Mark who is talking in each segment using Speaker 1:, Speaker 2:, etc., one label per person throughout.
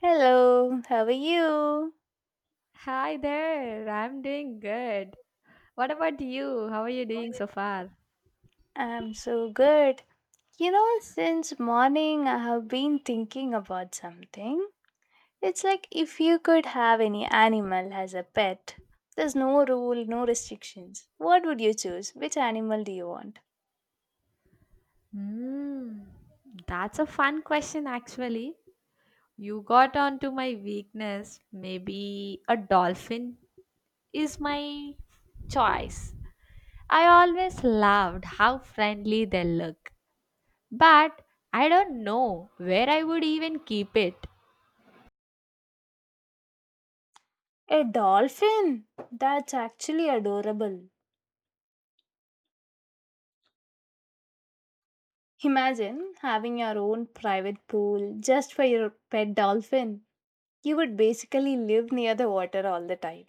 Speaker 1: Hello, how are you?
Speaker 2: Hi there, I'm doing good. What about you? How are you doing so far?
Speaker 1: I'm so good. You know, since morning I have been thinking about something. It's like if you could have any animal as a pet, there's no rule, no restrictions. What would you choose? Which animal do you want?
Speaker 2: Hmm, that's a fun question, actually. You got onto my weakness. Maybe a dolphin is my choice. I always loved how friendly they look, but I don't know where I would even keep it.
Speaker 1: A dolphin? That's actually adorable. Imagine having your own private pool just for your pet dolphin. You would basically live near the water all the time.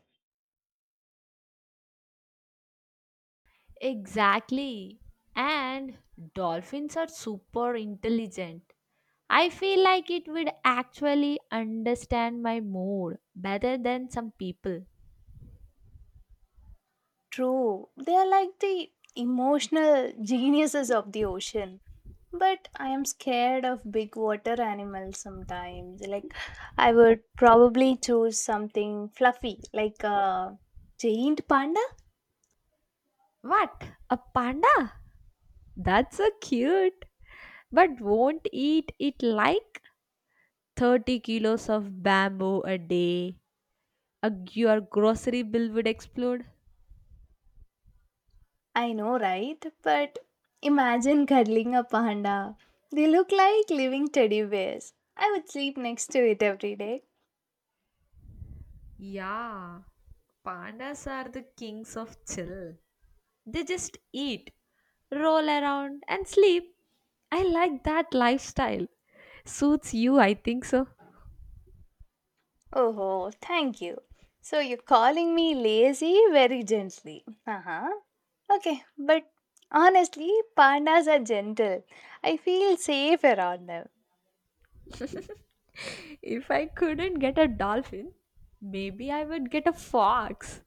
Speaker 2: Exactly. And dolphins are super intelligent. I feel like it would actually understand my mood better than some people.
Speaker 1: True, they are like the emotional geniuses of the ocean. But I am scared of big water animals sometimes. Like, I would probably choose something fluffy, like a giant panda.
Speaker 2: What? A panda? That's so cute. But won't eat it like 30 kilos of bamboo a day. A, your grocery bill would explode.
Speaker 1: I know, right? But imagine cuddling a panda. They look like living teddy bears. I would sleep next to it every day.
Speaker 2: Yeah, pandas are the kings of chill. They just eat, roll around, and sleep. I like that lifestyle. Suits you, I think so.
Speaker 1: Oh, thank you. So you're calling me lazy very gently. Uh huh. Okay, but honestly, pandas are gentle. I feel safe around them.
Speaker 2: If I couldn't get a dolphin, maybe I would get a fox.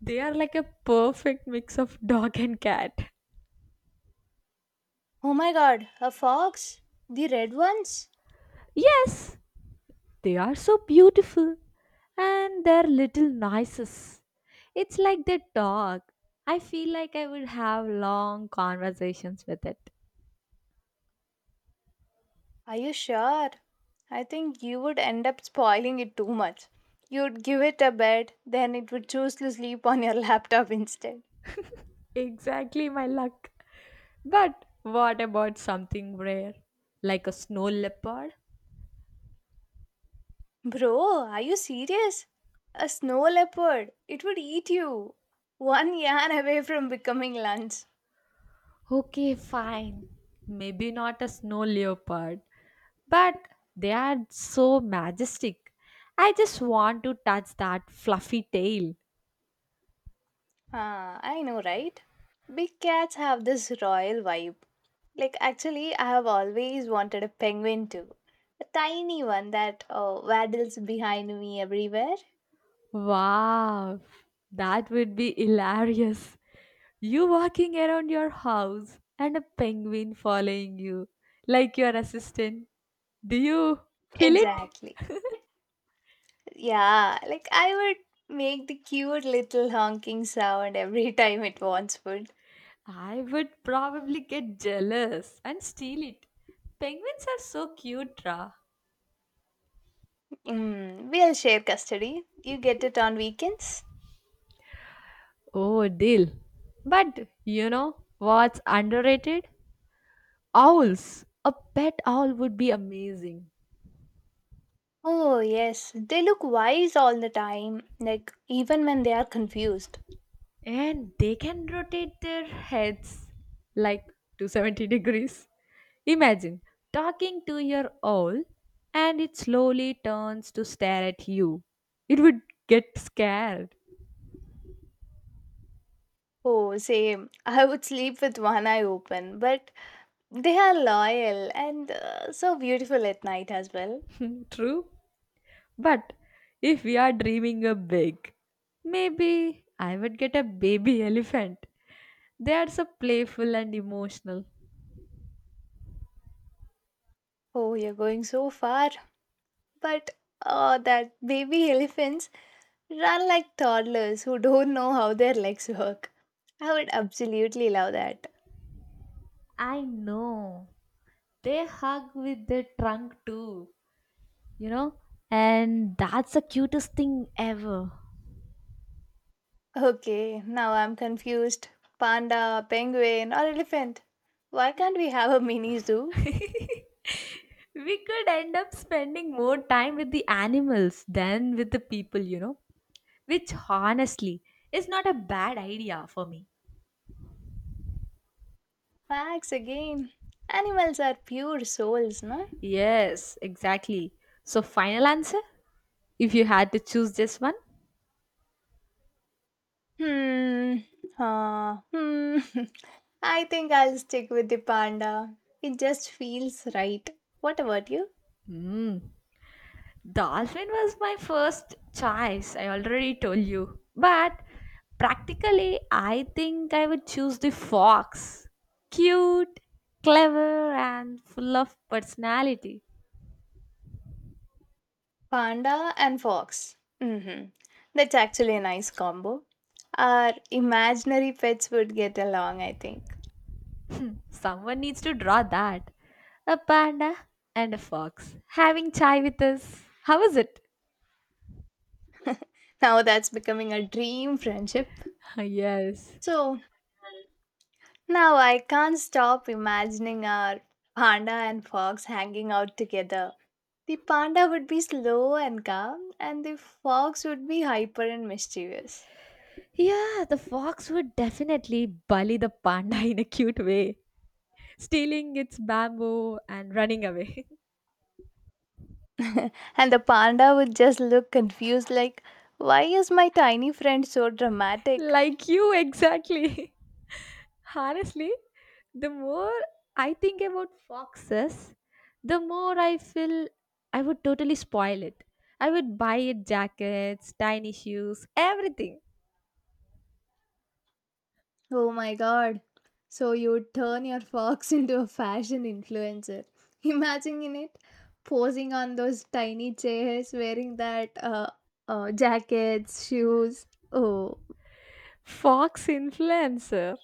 Speaker 2: They are like a perfect mix of dog and cat.
Speaker 1: Oh my god, a fox? The red ones?
Speaker 2: Yes, they are so beautiful and their little noises. It's like they talk. I feel like I would have long conversations with it.
Speaker 1: Are you sure? I think you would end up spoiling it too much. You'd give it a bed, then it would choose to sleep on your laptop instead.
Speaker 2: Exactly my luck. But what about something rare, like a snow leopard?
Speaker 1: Bro, are you serious? A snow leopard, it would eat you. One yarn away from becoming lunch.
Speaker 2: Okay, fine. Maybe not a snow leopard, but they are so majestic. I just want to touch that fluffy tail.
Speaker 1: Ah, I know, right? Big cats have this royal vibe. Like, actually, I have always wanted a penguin too. A tiny one that waddles behind me everywhere.
Speaker 2: Wow, that would be hilarious. You walking around your house and a penguin following you, like your assistant. Do you feel it?
Speaker 1: Exactly. Yeah, like I would make the cute little honking sound every time it wants food.
Speaker 2: I would probably get jealous and steal it. Penguins are so cute, Ra.
Speaker 1: Mm, we'll share custody. You get it on weekends?
Speaker 2: Oh, deal. But you know what's underrated? Owls. A pet owl would be amazing.
Speaker 1: Oh, yes. They look wise all the time, like even when they are confused.
Speaker 2: And they can rotate their heads like 270 degrees. Imagine talking to your owl and it slowly turns to stare at you. It would get scared.
Speaker 1: Oh, same. I would sleep with one eye open, but they are loyal and so beautiful at night as well.
Speaker 2: True? But if we are dreaming a big, maybe I would get a baby elephant. They are so playful and emotional.
Speaker 1: Oh, you're going so far. But oh, that baby elephants run like toddlers who don't know how their legs work. I would absolutely love that.
Speaker 2: I know. They hug with their trunk too, you know? And that's the cutest thing ever.
Speaker 1: Okay, now I'm confused. Panda, penguin, or elephant? Why can't we have a mini zoo?
Speaker 2: We could end up spending more time with the animals than with the people, Which honestly is not a bad idea for me.
Speaker 1: Facts again. Animals are pure souls, no?
Speaker 2: Yes, exactly. So, final answer? If you had to choose just one?
Speaker 1: Hmm. Hmm. I think I'll stick with the panda. It just feels right. What about you?
Speaker 2: Hmm. Dolphin was my first choice. I already told you. But practically, I think I would choose the fox. Cute, clever, and full of personality.
Speaker 1: Panda and fox. Mm-hmm. That's actually a nice combo. Our imaginary pets would get along, I think.
Speaker 2: Someone needs to draw that. A panda and a fox having chai with us. How is it?
Speaker 1: Now that's becoming a dream friendship.
Speaker 2: Yes.
Speaker 1: So, now I can't stop imagining our panda and fox hanging out together. The panda would be slow and calm, and the fox would be hyper and mischievous.
Speaker 2: Yeah, the fox would definitely bully the panda in a cute way, stealing its bamboo and running away.
Speaker 1: And the panda would just look confused, like, Why is my tiny friend so dramatic?
Speaker 2: Like you, exactly. Honestly, the more I think about foxes, the more I feel I would totally spoil it. I would buy it jackets, tiny shoes, everything.
Speaker 1: Oh my god. So you would turn your fox into a fashion influencer. Imagine it posing on those tiny chairs, wearing that jackets, shoes. Oh,
Speaker 2: Fox influencer.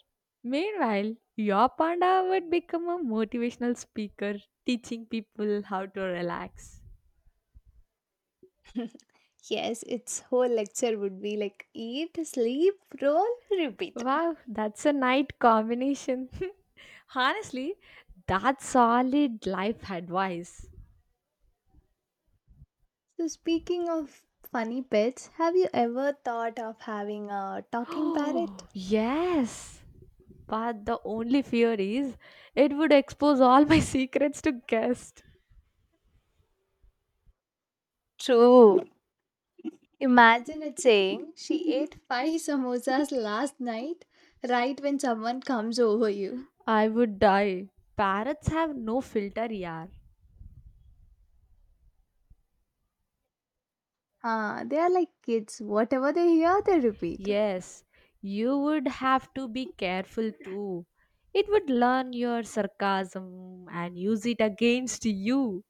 Speaker 2: Meanwhile, your panda would become a motivational speaker teaching people how to relax.
Speaker 1: yes, its whole lecture would be like eat, sleep, roll, repeat.
Speaker 2: Wow, that's a nice combination. Honestly, that's solid life advice.
Speaker 1: So, speaking of funny pets, have you ever thought of having a talking parrot?
Speaker 2: Oh, yes. But the only fear is it would expose all my secrets to guests.
Speaker 1: True. Imagine it saying, She ate five samosas last night, right when someone comes over you.
Speaker 2: I would die. Parrots have no filter, yaar.
Speaker 1: Ah, they are like kids. Whatever they hear, they repeat.
Speaker 2: Yes, you would have to be careful too. It would learn your sarcasm and use it against you.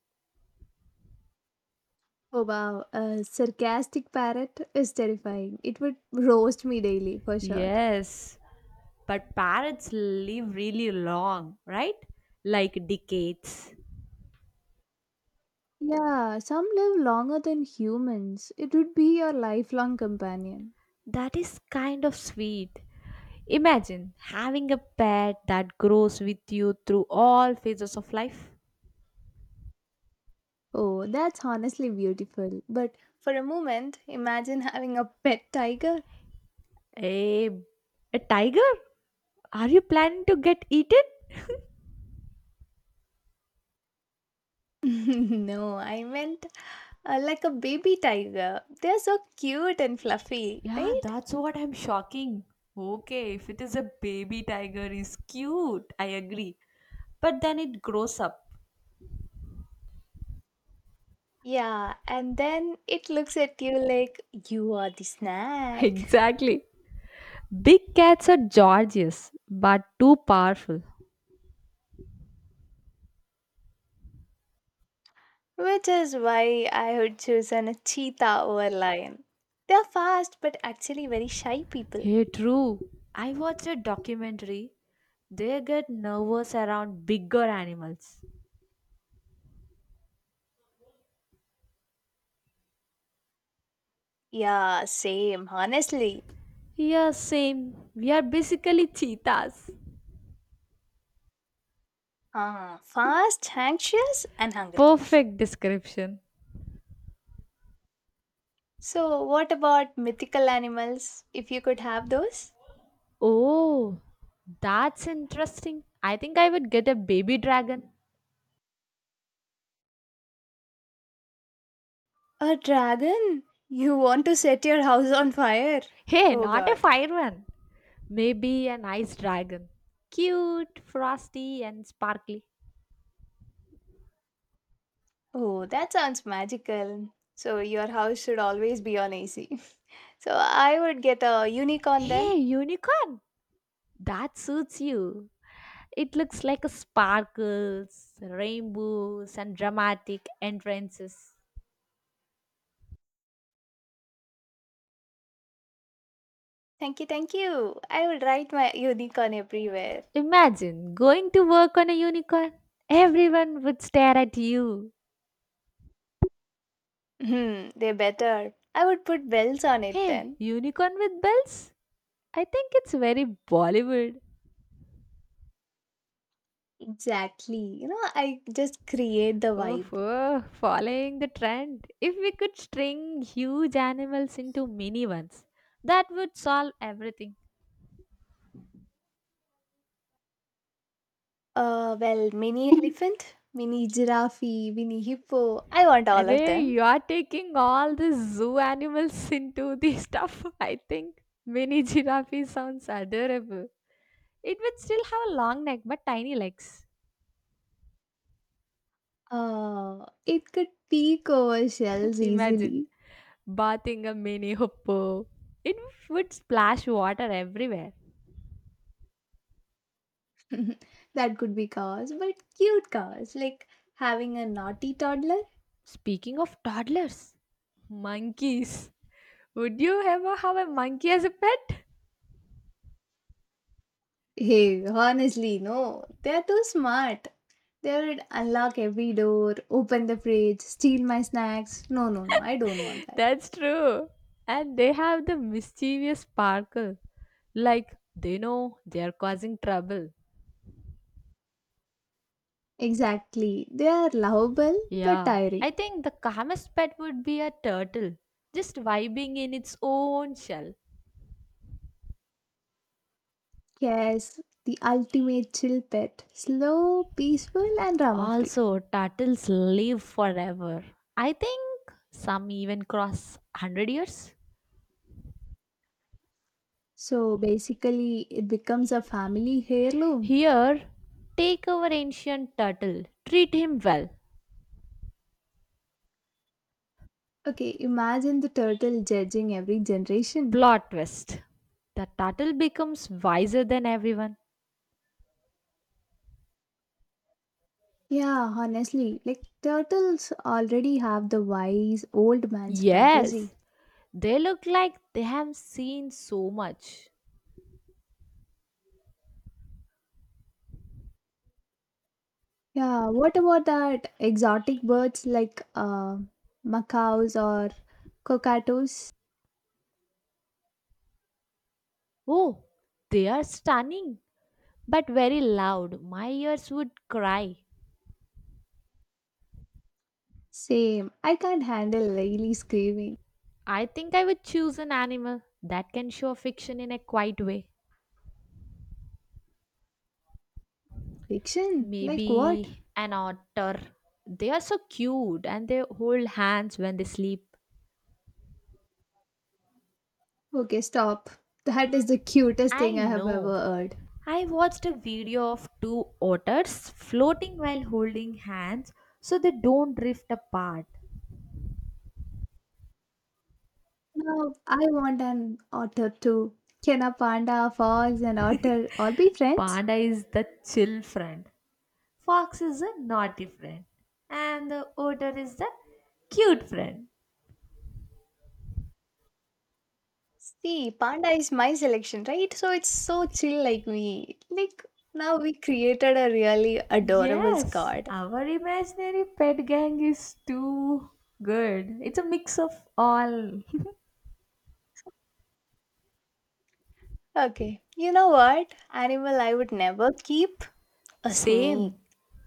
Speaker 1: Oh wow, a sarcastic parrot is terrifying. It would roast me daily for sure.
Speaker 2: Yes, but parrots live really long, right? Like decades.
Speaker 1: Yeah, some live longer than humans. It would be your lifelong companion.
Speaker 2: That is kind of sweet. Imagine having a pet that grows with you through all phases of life.
Speaker 1: Oh, that's honestly beautiful. But for a moment, imagine having a pet tiger.
Speaker 2: A, a tiger? Are you planning to get eaten?
Speaker 1: no, I meant like a baby tiger. They're so cute and fluffy,
Speaker 2: Yeah,
Speaker 1: right?
Speaker 2: that's what I'm shocking. Okay, if it is a baby tiger, is cute. I agree. But then it grows up.
Speaker 1: Yeah, and then it looks at you like you are the snack.
Speaker 2: Exactly. Big cats are gorgeous, but too powerful.
Speaker 1: Which is why I would choose an a cheetah over lion. They're fast but actually very shy people.
Speaker 2: Hey, true. I watched a documentary. They get nervous around bigger animals.
Speaker 1: Yeah, same, honestly.
Speaker 2: Yeah, same. We are basically cheetahs.
Speaker 1: Ah, fast, anxious, and hungry.
Speaker 2: Perfect description.
Speaker 1: So, what about mythical animals, if you could have those?
Speaker 2: Oh, that's interesting. I think I would get a baby dragon.
Speaker 1: A dragon? You want to set your house on fire?
Speaker 2: Hey,
Speaker 1: Oh
Speaker 2: not a
Speaker 1: god.
Speaker 2: fire one. Maybe an ice dragon. Cute, frosty, and sparkly.
Speaker 1: Oh, that sounds magical. So, your house should always be on AC. So, I would get a unicorn then.
Speaker 2: Hey, unicorn! That suits you. It looks like a sparkles, rainbows, and dramatic entrances.
Speaker 1: Thank you, thank you. I would write my unicorn everywhere.
Speaker 2: Imagine going to work on a unicorn. Everyone would stare at you.
Speaker 1: Hmm, they better. I would put bells on it
Speaker 2: Hey,
Speaker 1: then.
Speaker 2: unicorn with bells? I think it's very Bollywood.
Speaker 1: Exactly. I just create the
Speaker 2: Oh,
Speaker 1: vibe.
Speaker 2: oh, following the trend. If we could string huge animals into mini ones, that would solve everything.
Speaker 1: Well, mini elephant, mini giraffe, mini hippo. I want all of
Speaker 2: Ray,
Speaker 1: them.
Speaker 2: you are taking all the zoo animals into the stuff. I think mini giraffe sounds adorable. It would still have a long neck but tiny legs.
Speaker 1: It could peek over shells
Speaker 2: Imagine
Speaker 1: easily.
Speaker 2: bathing a mini hippo. It would splash water everywhere.
Speaker 1: that could be cause, but cute cause. Like having a naughty toddler.
Speaker 2: Speaking of toddlers, monkeys. Would you ever have a monkey as a pet?
Speaker 1: Hey, honestly, no. They're too smart. They would unlock every door, open the fridge, steal my snacks. No, no, no. I don't want that.
Speaker 2: That's true. And they have the mischievous sparkle. Like they know they are causing trouble.
Speaker 1: Exactly. They are lovable but
Speaker 2: Yeah, I
Speaker 1: tiring.
Speaker 2: think the calmest pet would be a turtle, just vibing in its own shell.
Speaker 1: Yes, the ultimate chill pet. Slow, peaceful, and drama free.
Speaker 2: Also, turtles live forever. I think some even cross 100 years.
Speaker 1: So basically, it becomes a family heirloom.
Speaker 2: Here, take our ancient turtle, treat him well.
Speaker 1: Okay, imagine the turtle judging every generation.
Speaker 2: Plot twist. The turtle becomes wiser than everyone.
Speaker 1: Yeah, honestly, like turtles already have the wise old man
Speaker 2: Yes,
Speaker 1: strategy.
Speaker 2: they look like they have seen so much.
Speaker 1: Yeah, what about that exotic birds like macaws or cockatoos?
Speaker 2: Oh, they are stunning, but very loud. My ears would cry.
Speaker 1: Same, I can't handle really screaming.
Speaker 2: I think I would choose an animal that can show affection in a quiet way.
Speaker 1: Fiction? Like what?
Speaker 2: Maybe an otter. They are so cute and they hold hands when they sleep.
Speaker 1: Okay, stop. That is the cutest thing
Speaker 2: I
Speaker 1: I have
Speaker 2: know.
Speaker 1: ever heard.
Speaker 2: I watched a video of two otters floating while holding hands so they don't drift apart.
Speaker 1: Now, I want an otter too. Can a panda, fox, and otter all be friends?
Speaker 2: Panda is the chill friend, fox is a naughty friend, and the otter is the cute friend.
Speaker 1: See, panda is my selection, right? So it's so chill like we like now we created a really adorable
Speaker 2: Yes,
Speaker 1: squad.
Speaker 2: our imaginary pet gang is too good. It's a mix of all.
Speaker 1: Okay. You know what? Animal I would never keep a snake.
Speaker 2: Same.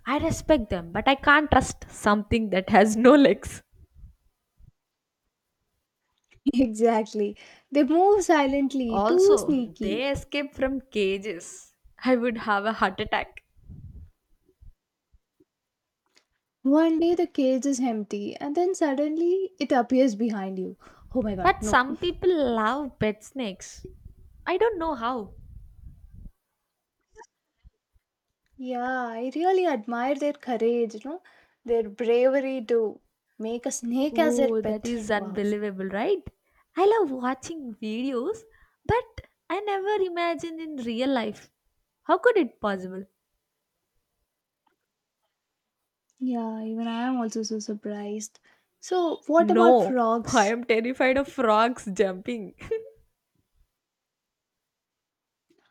Speaker 2: I respect them, but I can't trust something that has no legs.
Speaker 1: Exactly. They move silently, too
Speaker 2: Also,
Speaker 1: sneaky.
Speaker 2: they escape from cages. I would have a heart attack.
Speaker 1: One day the cage is empty and then suddenly it appears behind you. Oh my god,
Speaker 2: But
Speaker 1: no.
Speaker 2: some people love pet snakes. I don't know how.
Speaker 1: Yeah, I really admire their courage, their bravery to make a snake as their
Speaker 2: Oh, that
Speaker 1: pet.
Speaker 2: is
Speaker 1: Wow.
Speaker 2: unbelievable, right? I love watching videos, but I never imagined in real life. How could it possible?
Speaker 1: Yeah, even I am also so surprised. So, what about
Speaker 2: No, I
Speaker 1: frogs?
Speaker 2: am terrified of frogs jumping.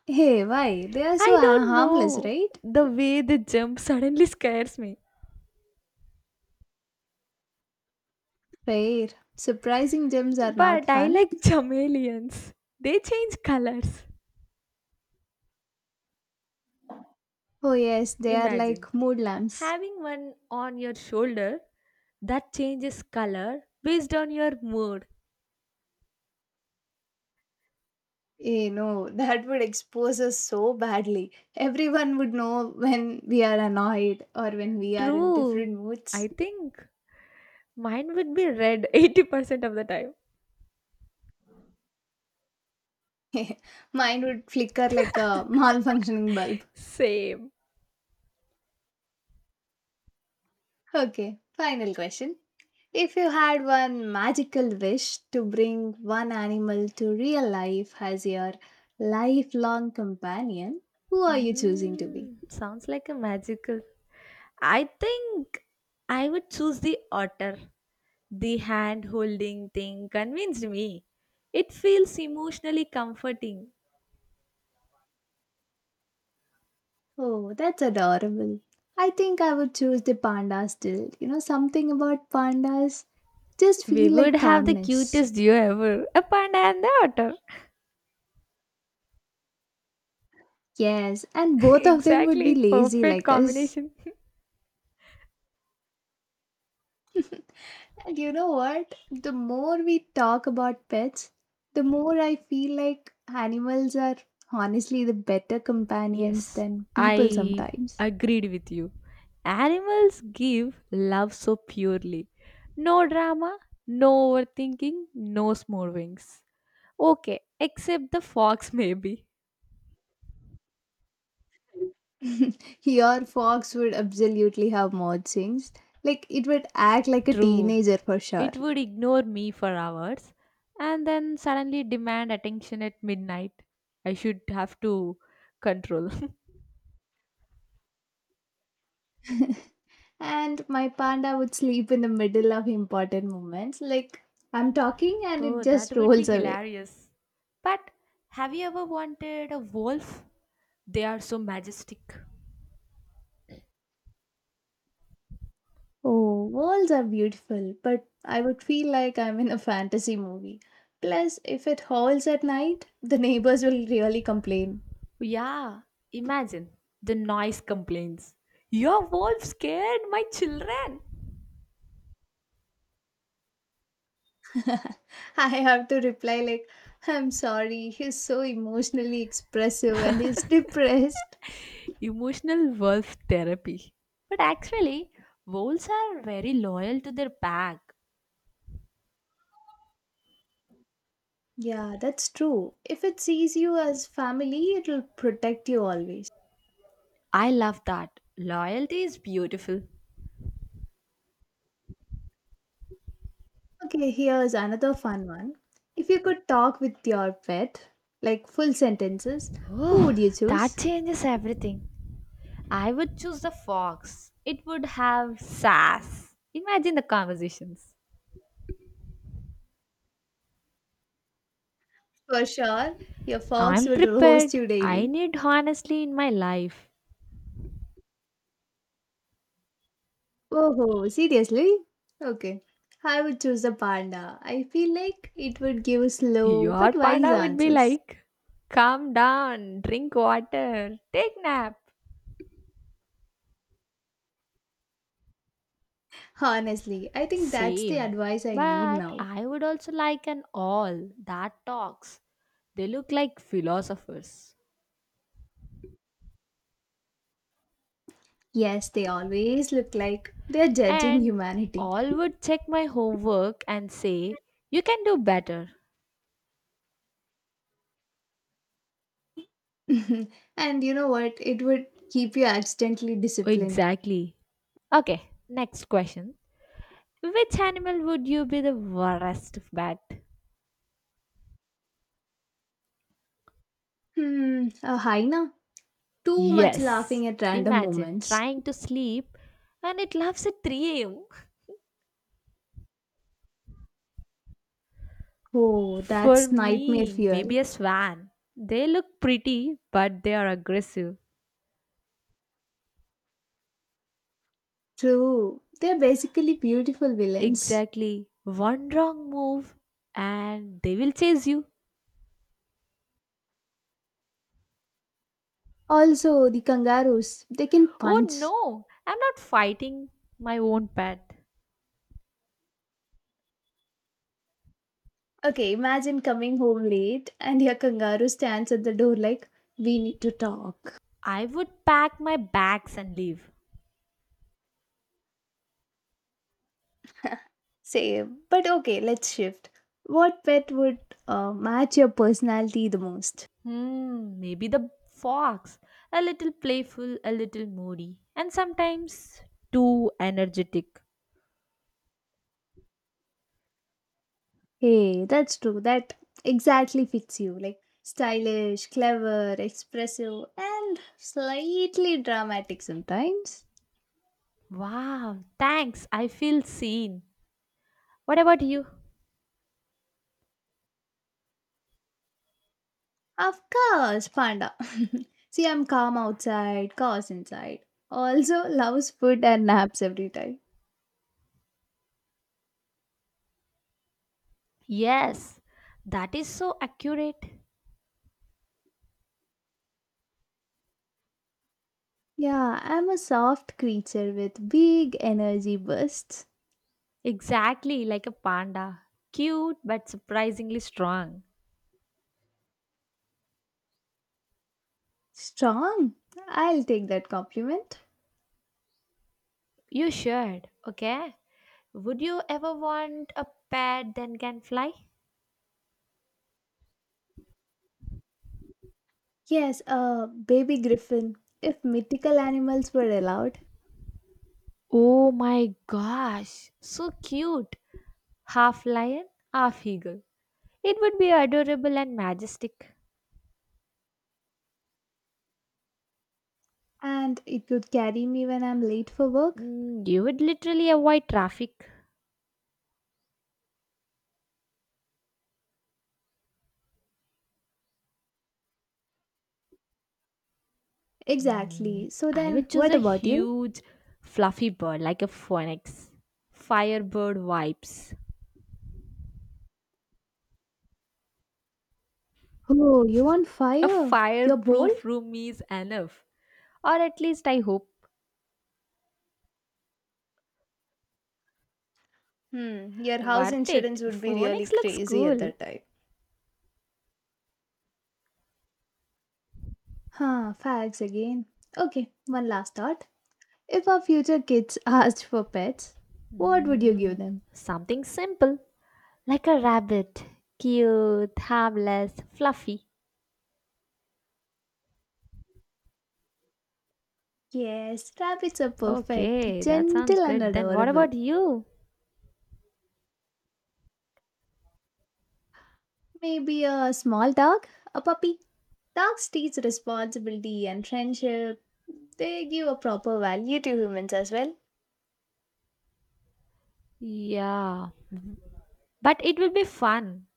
Speaker 1: Hey, why? They are so
Speaker 2: I don't
Speaker 1: harmless,
Speaker 2: know.
Speaker 1: right?
Speaker 2: The way they jump suddenly scares me.
Speaker 1: Fair. Surprising gems are not
Speaker 2: But I
Speaker 1: fun.
Speaker 2: like chameleons. They change colors.
Speaker 1: Oh, yes, they are
Speaker 2: Imagine
Speaker 1: like mood lamps.
Speaker 2: having one on your shoulder that changes color based on your mood.
Speaker 1: You know that would expose us so badly. Everyone would know when we are annoyed or when we are in
Speaker 2: True.
Speaker 1: different
Speaker 2: I
Speaker 1: moods.
Speaker 2: think mine would be red 80% of the time.
Speaker 1: Mine would flicker like a malfunctioning bulb.
Speaker 2: Same.
Speaker 1: Okay, final question. If you had one magical wish to bring one animal to real life as your lifelong companion, who are you choosing to be?
Speaker 2: Hmm, sounds like a magical. I think I would choose the otter. The hand holding thing convinced me. It feels emotionally comforting.
Speaker 1: Oh, that's adorable. I think I would choose the panda still. Something about pandas just
Speaker 2: We
Speaker 1: feel
Speaker 2: would
Speaker 1: like
Speaker 2: have the
Speaker 1: calmness.
Speaker 2: cutest duo ever, a panda and the otter.
Speaker 1: Yes, and both of them would be
Speaker 2: Exactly,
Speaker 1: lazy
Speaker 2: perfect
Speaker 1: like us.
Speaker 2: combination.
Speaker 1: And you know what? The more we talk about pets, the more I feel like animals are honestly the better companions
Speaker 2: Yes,
Speaker 1: than people
Speaker 2: I
Speaker 1: sometimes.
Speaker 2: agreed with you. Animals give love so purely. No drama, no overthinking, no smoothings. Okay, except the fox, maybe.
Speaker 1: Your fox would absolutely have mood swings. Like it would act like a
Speaker 2: True.
Speaker 1: teenager for sure.
Speaker 2: It would ignore me for hours and then suddenly demand attention at midnight. I should have to control.
Speaker 1: And my panda would sleep in the middle of important moments. Like I'm talking and it
Speaker 2: Oh,
Speaker 1: just
Speaker 2: that would be
Speaker 1: rolls away.
Speaker 2: hilarious. But have you ever wanted a wolf? They are so majestic.
Speaker 1: Oh, worlds are beautiful, but I would feel like I'm in a fantasy movie. Plus, if it howls at night, the neighbors will really complain.
Speaker 2: Yeah, imagine the noise complaints. Your wolf scared my children.
Speaker 1: I have to reply like, "I'm sorry, he's so emotionally expressive and he's depressed."
Speaker 2: Emotional wolf therapy. But actually, wolves are very loyal to their pack.
Speaker 1: Yeah, that's true. If it sees you as family, it'll protect you always.
Speaker 2: I love that. Loyalty is beautiful.
Speaker 1: Okay, here's another fun one. If you could talk with your pet, like full sentences, who
Speaker 2: Oh,
Speaker 1: would you
Speaker 2: that
Speaker 1: choose?
Speaker 2: changes everything. I would choose the fox. It would have sass. Imagine the conversations.
Speaker 1: For sure, your fox
Speaker 2: I'm
Speaker 1: would roast
Speaker 2: prepared.
Speaker 1: you
Speaker 2: I
Speaker 1: daily.
Speaker 2: need honestly in my life.
Speaker 1: Oh, seriously? Okay. I would choose a panda. I feel like it would give slow
Speaker 2: Your
Speaker 1: but wise
Speaker 2: panda would be
Speaker 1: answers.
Speaker 2: like, calm down, drink water, take nap.
Speaker 1: Honestly, I think that's the
Speaker 2: Same.
Speaker 1: advice I need
Speaker 2: But
Speaker 1: now.
Speaker 2: I would also like an all that talks. They look like philosophers.
Speaker 1: Yes, they always look like they're judging
Speaker 2: And
Speaker 1: humanity.
Speaker 2: all would check my homework and say, you can do better.
Speaker 1: and you know what? It would keep you accidentally disciplined.
Speaker 2: Exactly. Okay, next question. Which animal would you be the worst bat?
Speaker 1: Hmm, a hyena? Too much laughing
Speaker 2: Yes,
Speaker 1: at random
Speaker 2: imagine
Speaker 1: moments.
Speaker 2: trying to sleep and it laughs at 3 am.
Speaker 1: Oh,
Speaker 2: For
Speaker 1: that's nightmare
Speaker 2: me,
Speaker 1: fuel.
Speaker 2: maybe a swan. They look pretty, but they are aggressive.
Speaker 1: True, they're basically beautiful villains.
Speaker 2: Exactly. One wrong move and they will chase you.
Speaker 1: Also, the kangaroos, they can
Speaker 2: Oh
Speaker 1: punch.
Speaker 2: no, I'm not fighting my own pet.
Speaker 1: Okay, imagine coming home late and your kangaroo stands at the door like, we need to talk.
Speaker 2: I would pack my bags and leave.
Speaker 1: Same, but okay, let's shift. What pet would match your personality the most?
Speaker 2: Hmm, maybe the fox. A little playful, a little moody, and sometimes too energetic.
Speaker 1: Hey, that's true. That exactly fits you. Like, stylish, clever, expressive, and slightly dramatic sometimes.
Speaker 2: Wow, thanks. I feel seen. What about you?
Speaker 1: Of course, panda. See, I'm calm outside, cause inside. Also, loves food and naps every time.
Speaker 2: Yes, that is so accurate.
Speaker 1: Yeah, I'm a soft creature with big energy bursts.
Speaker 2: Exactly like a panda. Cute but surprisingly strong.
Speaker 1: Strong. I'll take that compliment.
Speaker 2: You should, okay? Would you ever want a pet that can fly?
Speaker 1: Yes, a baby griffin. If mythical animals were allowed,
Speaker 2: Oh my gosh, so cute. Half lion, half eagle. It would be adorable and majestic.
Speaker 1: and it could carry me when I'm late for work.
Speaker 2: Mm, you would literally avoid traffic. Mm,
Speaker 1: Exactly. So
Speaker 2: I
Speaker 1: then,
Speaker 2: would choose
Speaker 1: what
Speaker 2: a
Speaker 1: about you?
Speaker 2: huge, fluffy bird like a phoenix. Firebird vibes.
Speaker 1: Oh, you on
Speaker 2: A
Speaker 1: fire? You're bold?
Speaker 2: fireproof room is enough. Or at least I hope.
Speaker 1: Hmm, your house
Speaker 2: Worth
Speaker 1: insurance
Speaker 2: it.
Speaker 1: would be really
Speaker 2: Phoenix looks
Speaker 1: crazy at
Speaker 2: cool.
Speaker 1: that time. Huh, facts again. Okay, one last thought. If our future kids asked for pets, what would you give
Speaker 2: Mm,
Speaker 1: them?
Speaker 2: something simple. Like a rabbit. Cute, harmless, fluffy.
Speaker 1: Yes, rabbits are perfect,
Speaker 2: Okay, that
Speaker 1: gentle
Speaker 2: sounds
Speaker 1: and
Speaker 2: good. Then what
Speaker 1: adorable.
Speaker 2: about you?
Speaker 1: Maybe a small dog, a puppy. Dogs teach responsibility and friendship. They give a proper value to humans as well?
Speaker 2: Yeah, but it will be fun.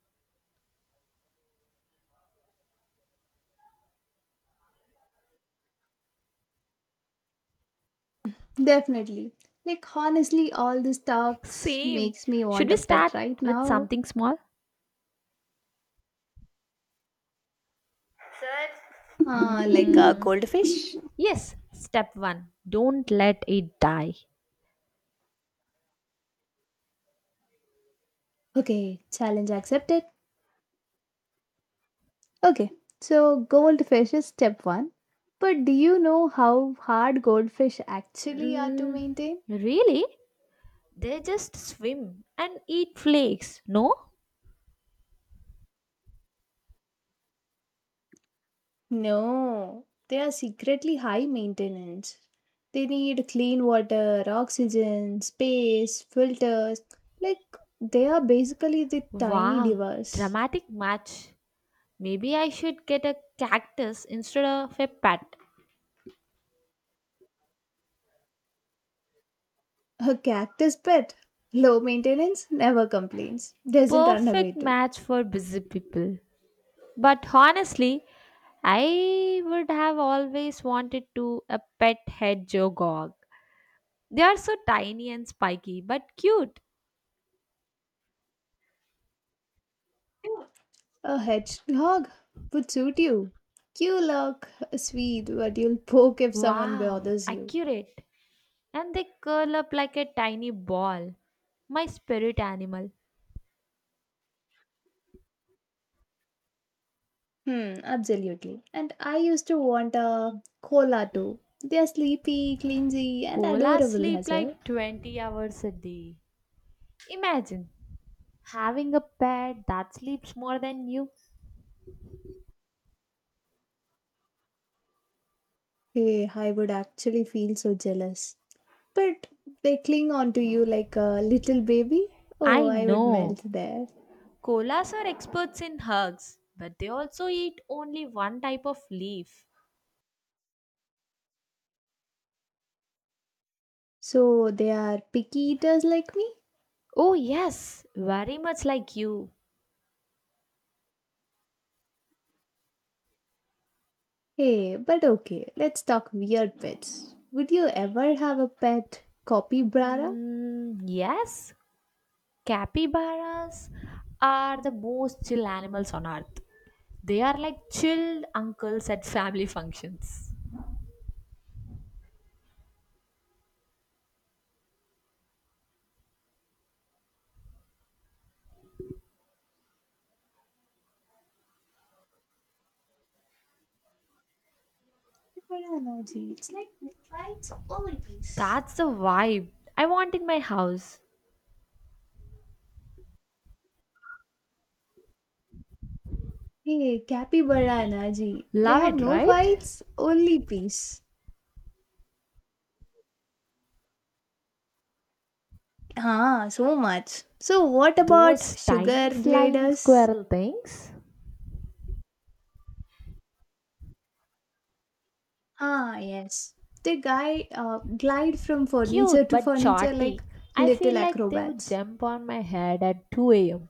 Speaker 1: Definitely. Like honestly, all these talks
Speaker 2: Same.
Speaker 1: makes me
Speaker 2: Should
Speaker 1: want a
Speaker 2: we
Speaker 1: pet
Speaker 2: start
Speaker 1: right
Speaker 2: with
Speaker 1: now.
Speaker 2: something small?
Speaker 1: Like a
Speaker 2: Mm,
Speaker 1: goldfish?
Speaker 2: yes, step one, don't let it die.
Speaker 1: Okay, challenge accepted. Okay, so goldfish is step one. But do you know how hard goldfish actually are to
Speaker 2: Mm,
Speaker 1: maintain?
Speaker 2: really? They just swim and eat flakes, no?
Speaker 1: No, they are secretly high maintenance. They need clean water, oxygen, space, filters. Like, they are basically the tiny
Speaker 2: Wow,
Speaker 1: divas.
Speaker 2: dramatic match. Maybe I should get a cactus instead of a pet.
Speaker 1: A cactus pet. Low maintenance, never complains. Doesn't run away
Speaker 2: Perfect
Speaker 1: too.
Speaker 2: match for busy people. But honestly, I would have always wanted to a pet hedgehog. They are so tiny and spiky, but cute.
Speaker 1: A hedgehog would suit you. You look sweet, but you'll poke if someone
Speaker 2: Wow,
Speaker 1: bothers you.
Speaker 2: accurate. And they curl up like a tiny ball. My spirit animal.
Speaker 1: Hmm, absolutely. And I used to want a koala too. They're sleepy, clingy, and
Speaker 2: Koalas
Speaker 1: adorable
Speaker 2: sleep
Speaker 1: as well.
Speaker 2: like 20 hours a day. Imagine having a pet that sleeps more than you.
Speaker 1: Hey, I would actually feel so jealous. But they cling onto you like a little baby. Oh,
Speaker 2: I
Speaker 1: I would
Speaker 2: know.
Speaker 1: melt there.
Speaker 2: Koalas are experts in hugs, but they also eat only one type of leaf.
Speaker 1: So they are picky eaters like me?
Speaker 2: Oh, yes, very much like you.
Speaker 1: Hey, but okay, let's talk weird pets. Would you ever have a pet capybara?
Speaker 2: Mm, yes, capybaras are the most chill animals on earth. They are like chill uncles at family functions.
Speaker 1: Capybara energy. It's like fights always.
Speaker 2: That's the vibe I want in my house.
Speaker 1: Hey, capybara Naji, they
Speaker 2: Love
Speaker 1: have
Speaker 2: it,
Speaker 1: no
Speaker 2: right?
Speaker 1: fights, only peace. Ah, so much. So what about
Speaker 2: Those
Speaker 1: sugar
Speaker 2: tiny flying
Speaker 1: gliders?
Speaker 2: squirrel things.
Speaker 1: Ah, yes. They guy glide from furniture
Speaker 2: Cute
Speaker 1: to
Speaker 2: but
Speaker 1: furniture
Speaker 2: chaotic.
Speaker 1: like
Speaker 2: I
Speaker 1: little
Speaker 2: feel like they would
Speaker 1: acrobats.
Speaker 2: jump on my head at 2 am.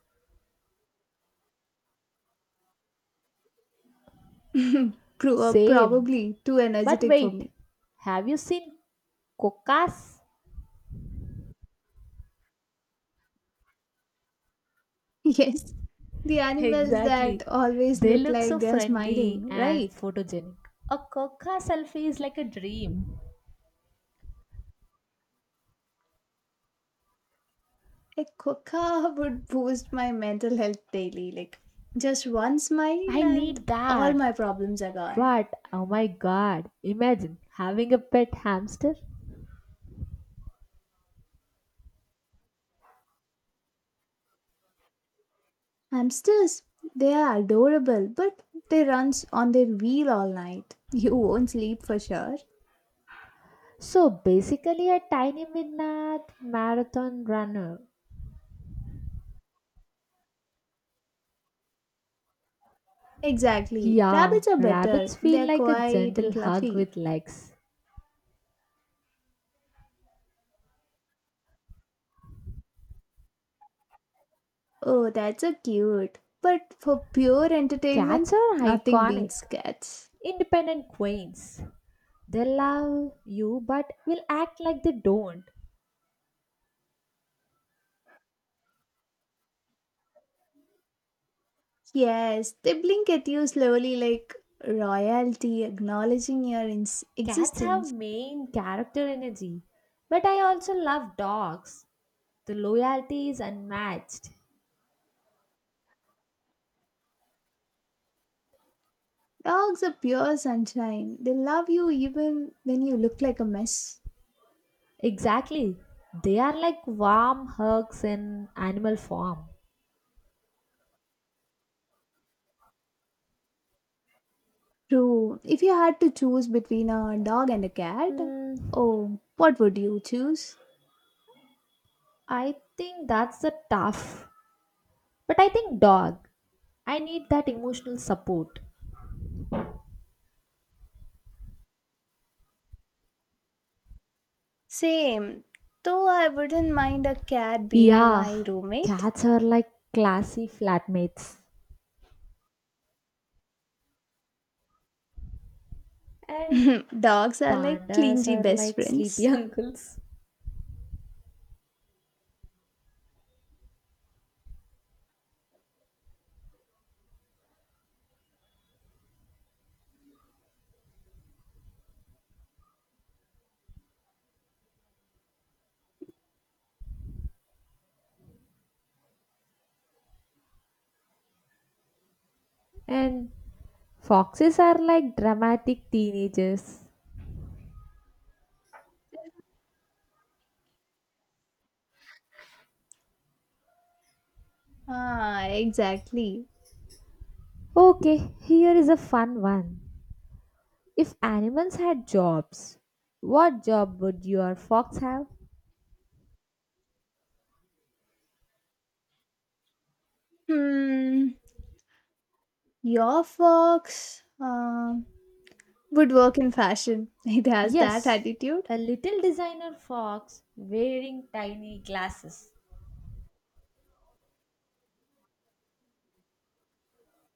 Speaker 2: Same.
Speaker 1: Probably too
Speaker 2: But
Speaker 1: energetic for
Speaker 2: wait,
Speaker 1: me.
Speaker 2: have you seen cocas?
Speaker 1: Yes. The animals
Speaker 2: Exactly.
Speaker 1: that always
Speaker 2: They
Speaker 1: look
Speaker 2: look so
Speaker 1: like they're
Speaker 2: friendly
Speaker 1: smiling,
Speaker 2: and
Speaker 1: right?
Speaker 2: photogenic. A coca selfie is like a dream.
Speaker 1: A quokka would boost my mental health daily. Like, just one smile
Speaker 2: I
Speaker 1: and
Speaker 2: need
Speaker 1: all my
Speaker 2: that.
Speaker 1: problems are gone.
Speaker 2: What? Oh my god. Imagine having a pet hamster.
Speaker 1: Hamsters, they are adorable, but they run on their wheel all night. You won't sleep for sure.
Speaker 2: So basically a tiny midnight marathon runner.
Speaker 1: Exactly.
Speaker 2: Yeah,
Speaker 1: Rabbits are better.
Speaker 2: rabbits feel
Speaker 1: They're
Speaker 2: like a
Speaker 1: quiet
Speaker 2: gentle
Speaker 1: and
Speaker 2: hug
Speaker 1: fluffy.
Speaker 2: with legs.
Speaker 1: Oh, that's so cute. But for pure entertainment,
Speaker 2: Cats are
Speaker 1: nothing
Speaker 2: iconic,
Speaker 1: beats cats.
Speaker 2: independent queens. They love you but will act like they don't.
Speaker 1: Yes, they blink at you slowly like royalty acknowledging your
Speaker 2: Cats have
Speaker 1: existence.
Speaker 2: main character energy, but I also love dogs. The loyalty is unmatched.
Speaker 1: Dogs are pure sunshine. They love you even when you look like a mess.
Speaker 2: Exactly. They are like warm hugs in animal form.
Speaker 1: True. If you had to choose between a dog and a cat,
Speaker 2: Mm,
Speaker 1: oh, what would you choose?
Speaker 2: I think that's the tough. But I think dog. I need that emotional support.
Speaker 1: Same. Though I wouldn't mind a cat being
Speaker 2: Yeah,
Speaker 1: my roommate.
Speaker 2: cats are like classy flatmates. And
Speaker 1: Dogs are like
Speaker 2: pandas
Speaker 1: clingy
Speaker 2: are
Speaker 1: best
Speaker 2: like sleepy
Speaker 1: friends.
Speaker 2: uncles. And foxes are like dramatic teenagers.
Speaker 1: Ah, exactly.
Speaker 2: Okay, here is a fun one. If animals had jobs, what job would your fox have?
Speaker 1: Hmm. Your fox would work in fashion. It has that
Speaker 2: Yes,
Speaker 1: attitude.
Speaker 2: a little designer fox wearing tiny glasses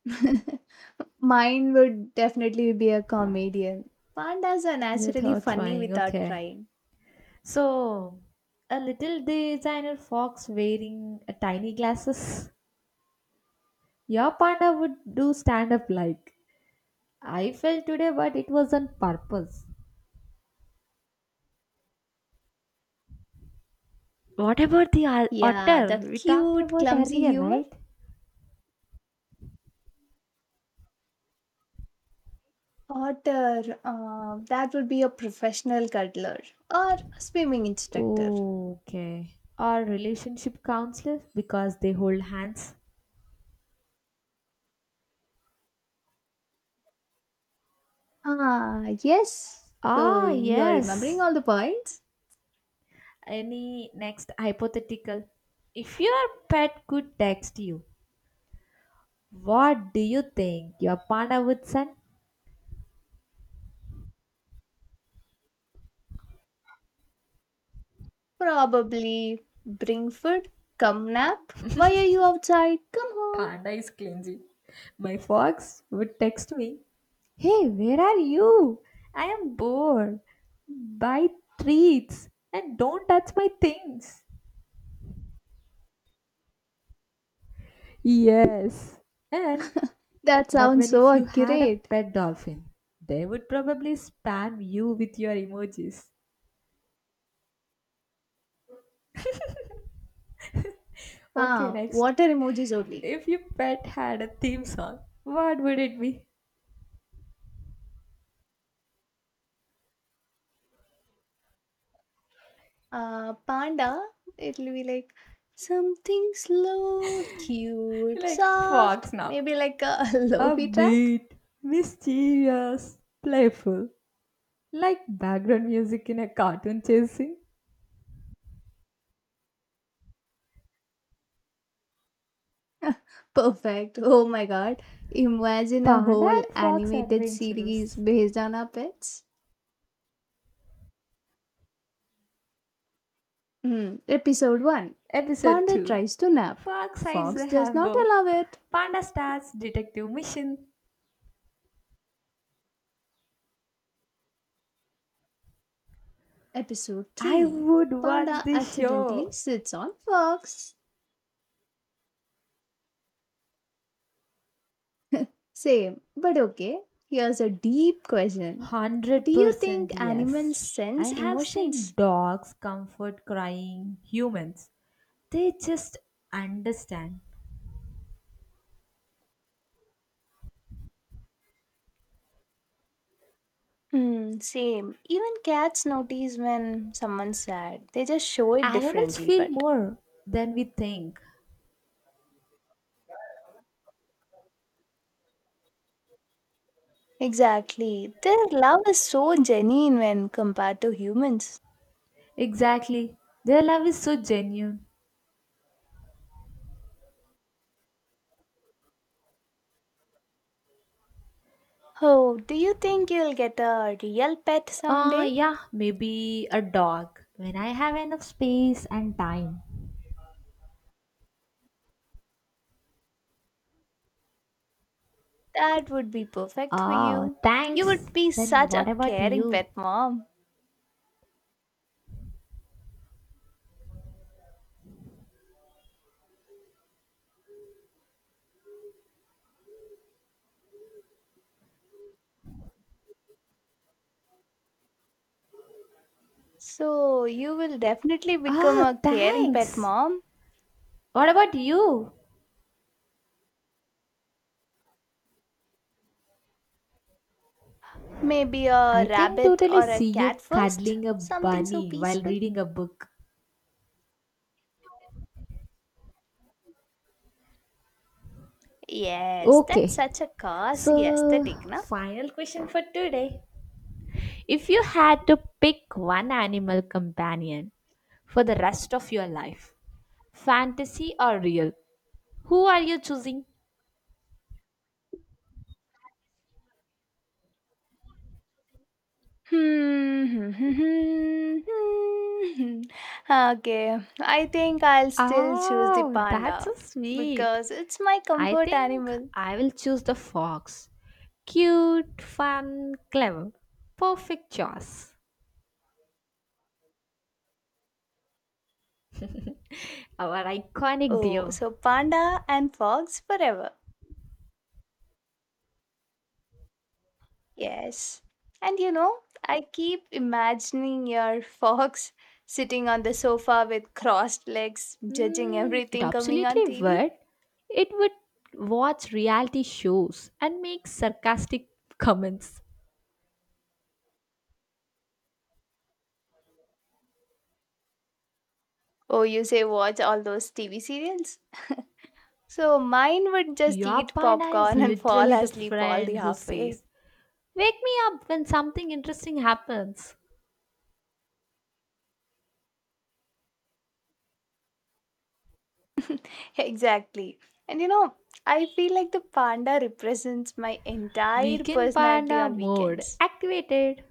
Speaker 1: Mine would definitely be a comedian. Pandas are naturally
Speaker 2: without
Speaker 1: funny
Speaker 2: trying.
Speaker 1: without
Speaker 2: Okay.
Speaker 1: trying.
Speaker 2: So, a little designer fox wearing a tiny glasses. Your panda would do stand up like, I fell today, but it was on purpose. What about the
Speaker 1: Yeah, the
Speaker 2: otter we talked
Speaker 1: cute,
Speaker 2: about
Speaker 1: clumsy
Speaker 2: earlier,
Speaker 1: humor.
Speaker 2: right?
Speaker 1: Otter, that would be a professional cuddler or a swimming instructor.
Speaker 2: Oh, okay. Or relationship counselors because they hold hands.
Speaker 1: Ah, yes. So
Speaker 2: Ah,
Speaker 1: you're remembering
Speaker 2: yes.
Speaker 1: all the points?
Speaker 2: Any next hypothetical? If your pet could text you, what do you think your panda would send?
Speaker 1: Probably bring food, come nap. Why are you outside? Come home.
Speaker 2: Panda is clingy. My fox would text me, hey, where are you? I am bored. Buy treats and don't touch my things. Yes. And
Speaker 1: That
Speaker 2: but
Speaker 1: sounds
Speaker 2: when
Speaker 1: so
Speaker 2: if you had a
Speaker 1: accurate.
Speaker 2: pet dolphin, they would probably spam you with your emojis. Okay,
Speaker 1: Ah,
Speaker 2: next.
Speaker 1: water emojis only.
Speaker 2: If your pet had a theme song, what would it be?
Speaker 1: Panda, it'll be like something slow, cute,
Speaker 2: Like
Speaker 1: soft,
Speaker 2: Fox now.
Speaker 1: maybe like a lofi track.
Speaker 2: Upbeat, mischievous, playful. Like background music in a cartoon chasing.
Speaker 1: Perfect. Oh my god. Imagine a
Speaker 2: Panda
Speaker 1: whole
Speaker 2: and Fox
Speaker 1: animated series
Speaker 2: Adventurous.
Speaker 1: based on our pets. Hmm. Episode 1,
Speaker 2: Episode
Speaker 1: Panda
Speaker 2: 2.
Speaker 1: tries to nap.
Speaker 2: Fox hides
Speaker 1: Fox
Speaker 2: the
Speaker 1: does not
Speaker 2: Hambo.
Speaker 1: allow it.
Speaker 2: Panda starts detective mission.
Speaker 1: Episode
Speaker 2: I
Speaker 1: 3,
Speaker 2: would watch
Speaker 1: Panda
Speaker 2: this
Speaker 1: accidentally
Speaker 2: show.
Speaker 1: sits on Fox. Same, but okay. Here's a deep question. Do you think
Speaker 2: 100%
Speaker 1: animals
Speaker 2: yes. I
Speaker 1: sense
Speaker 2: have
Speaker 1: emotions?
Speaker 2: seen dogs comfort crying humans. They just understand.
Speaker 1: Hmm, same. Even cats notice when someone's sad. They just show it
Speaker 2: Animals
Speaker 1: differently,
Speaker 2: feel
Speaker 1: but.
Speaker 2: more than we think.
Speaker 1: Exactly. Their love is so genuine when compared to humans.
Speaker 2: Exactly. Their love is so genuine.
Speaker 1: Oh, do you think you'll get a real pet someday?
Speaker 2: Yeah, maybe a dog. When I have enough space and time.
Speaker 1: That would be perfect for
Speaker 2: Oh,
Speaker 1: you. You
Speaker 2: thanks.
Speaker 1: would be
Speaker 2: Then
Speaker 1: such
Speaker 2: what
Speaker 1: a
Speaker 2: about
Speaker 1: caring
Speaker 2: you?
Speaker 1: pet mom. So, you will definitely become
Speaker 2: Ah,
Speaker 1: a caring pet
Speaker 2: thanks.
Speaker 1: mom.
Speaker 2: What about you?
Speaker 1: Maybe a
Speaker 2: I can
Speaker 1: rabbit
Speaker 2: totally
Speaker 1: or a
Speaker 2: see
Speaker 1: cat
Speaker 2: you
Speaker 1: first?
Speaker 2: cuddling a
Speaker 1: Something so
Speaker 2: bunny while
Speaker 1: peaceful?
Speaker 2: reading a book.
Speaker 1: Yes, that's
Speaker 2: Okay.
Speaker 1: such a cozy
Speaker 2: So,
Speaker 1: aesthetic, na?
Speaker 2: final question for today. If you had to pick one animal companion for the rest of your life, fantasy or real, who are you choosing?
Speaker 1: Hmm. Okay, I think I'll still choose the
Speaker 2: Oh, that's
Speaker 1: panda
Speaker 2: so sweet.
Speaker 1: because it's my
Speaker 2: I
Speaker 1: comfort
Speaker 2: think
Speaker 1: animal.
Speaker 2: I will choose the fox. Cute, fun, clever. Perfect choice. Our iconic
Speaker 1: Oh,
Speaker 2: deer.
Speaker 1: so panda and fox forever. Yes. And I keep imagining your fox sitting on the sofa with crossed legs, judging
Speaker 2: Mm, it
Speaker 1: everything coming on
Speaker 2: absolutely
Speaker 1: TV.
Speaker 2: would. It would watch reality shows and make sarcastic comments.
Speaker 1: Oh, you say watch all those TV serials? So mine would just
Speaker 2: Your
Speaker 1: eat
Speaker 2: panda is
Speaker 1: popcorn and fall
Speaker 2: literally the
Speaker 1: asleep all the
Speaker 2: friend who
Speaker 1: halfway.
Speaker 2: says, wake me up when something interesting happens.
Speaker 1: Exactly. And I feel like the panda represents my entire
Speaker 2: Weekend
Speaker 1: personality
Speaker 2: panda
Speaker 1: on
Speaker 2: mode
Speaker 1: weekends.
Speaker 2: activated.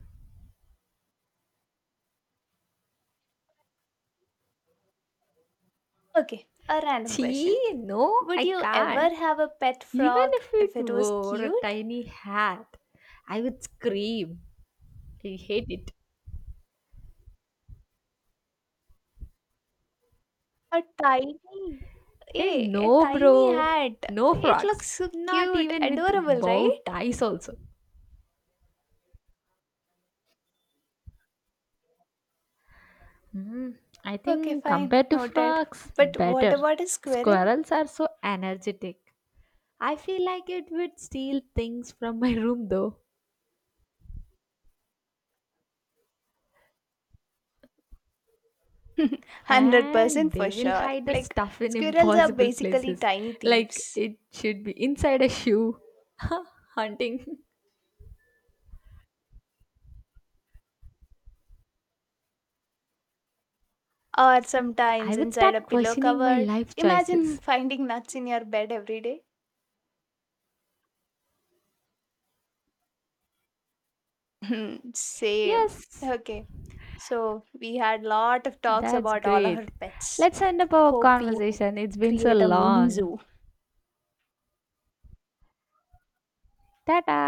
Speaker 1: Okay, a random question.
Speaker 2: Gee, no, I
Speaker 1: Would you ever
Speaker 2: can't.
Speaker 1: have a pet
Speaker 2: Even
Speaker 1: frog
Speaker 2: if
Speaker 1: if
Speaker 2: it
Speaker 1: it was
Speaker 2: wore a
Speaker 1: cute?
Speaker 2: tiny hat, I would scream. I hate it.
Speaker 1: A tiny,
Speaker 2: Hey,
Speaker 1: eh? A
Speaker 2: no,
Speaker 1: tiny
Speaker 2: bro.
Speaker 1: hat.
Speaker 2: No
Speaker 1: It looks
Speaker 2: frogs.
Speaker 1: so
Speaker 2: Not
Speaker 1: cute,
Speaker 2: even with
Speaker 1: adorable,
Speaker 2: bow
Speaker 1: right?
Speaker 2: ties, also. Hmm, I
Speaker 1: Okay,
Speaker 2: think
Speaker 1: fine,
Speaker 2: compared to
Speaker 1: noted.
Speaker 2: frogs,
Speaker 1: But what
Speaker 2: better.
Speaker 1: about a squirrel?
Speaker 2: Squirrels are so energetic. I feel like it would steal things from my room though. And
Speaker 1: 100% for
Speaker 2: they will
Speaker 1: sure.
Speaker 2: hide the
Speaker 1: Like,
Speaker 2: stuff in
Speaker 1: squirrels are
Speaker 2: impossible
Speaker 1: basically
Speaker 2: places.
Speaker 1: tiny
Speaker 2: Like
Speaker 1: thieves.
Speaker 2: it should be inside a shoe. Hunting.
Speaker 1: Or sometimes
Speaker 2: I would
Speaker 1: inside a
Speaker 2: start
Speaker 1: pillow
Speaker 2: questioning my
Speaker 1: cover.
Speaker 2: life
Speaker 1: Imagine
Speaker 2: choices.
Speaker 1: finding nuts in your bed every day. Same.
Speaker 2: Yes,
Speaker 1: Okay. So we had lot of talks
Speaker 2: that's
Speaker 1: about all our
Speaker 2: great.
Speaker 1: pets.
Speaker 2: Let's end up our
Speaker 1: Hope we
Speaker 2: conversation. It's been so
Speaker 1: create a mini
Speaker 2: long.
Speaker 1: zoo.
Speaker 2: Ta ta.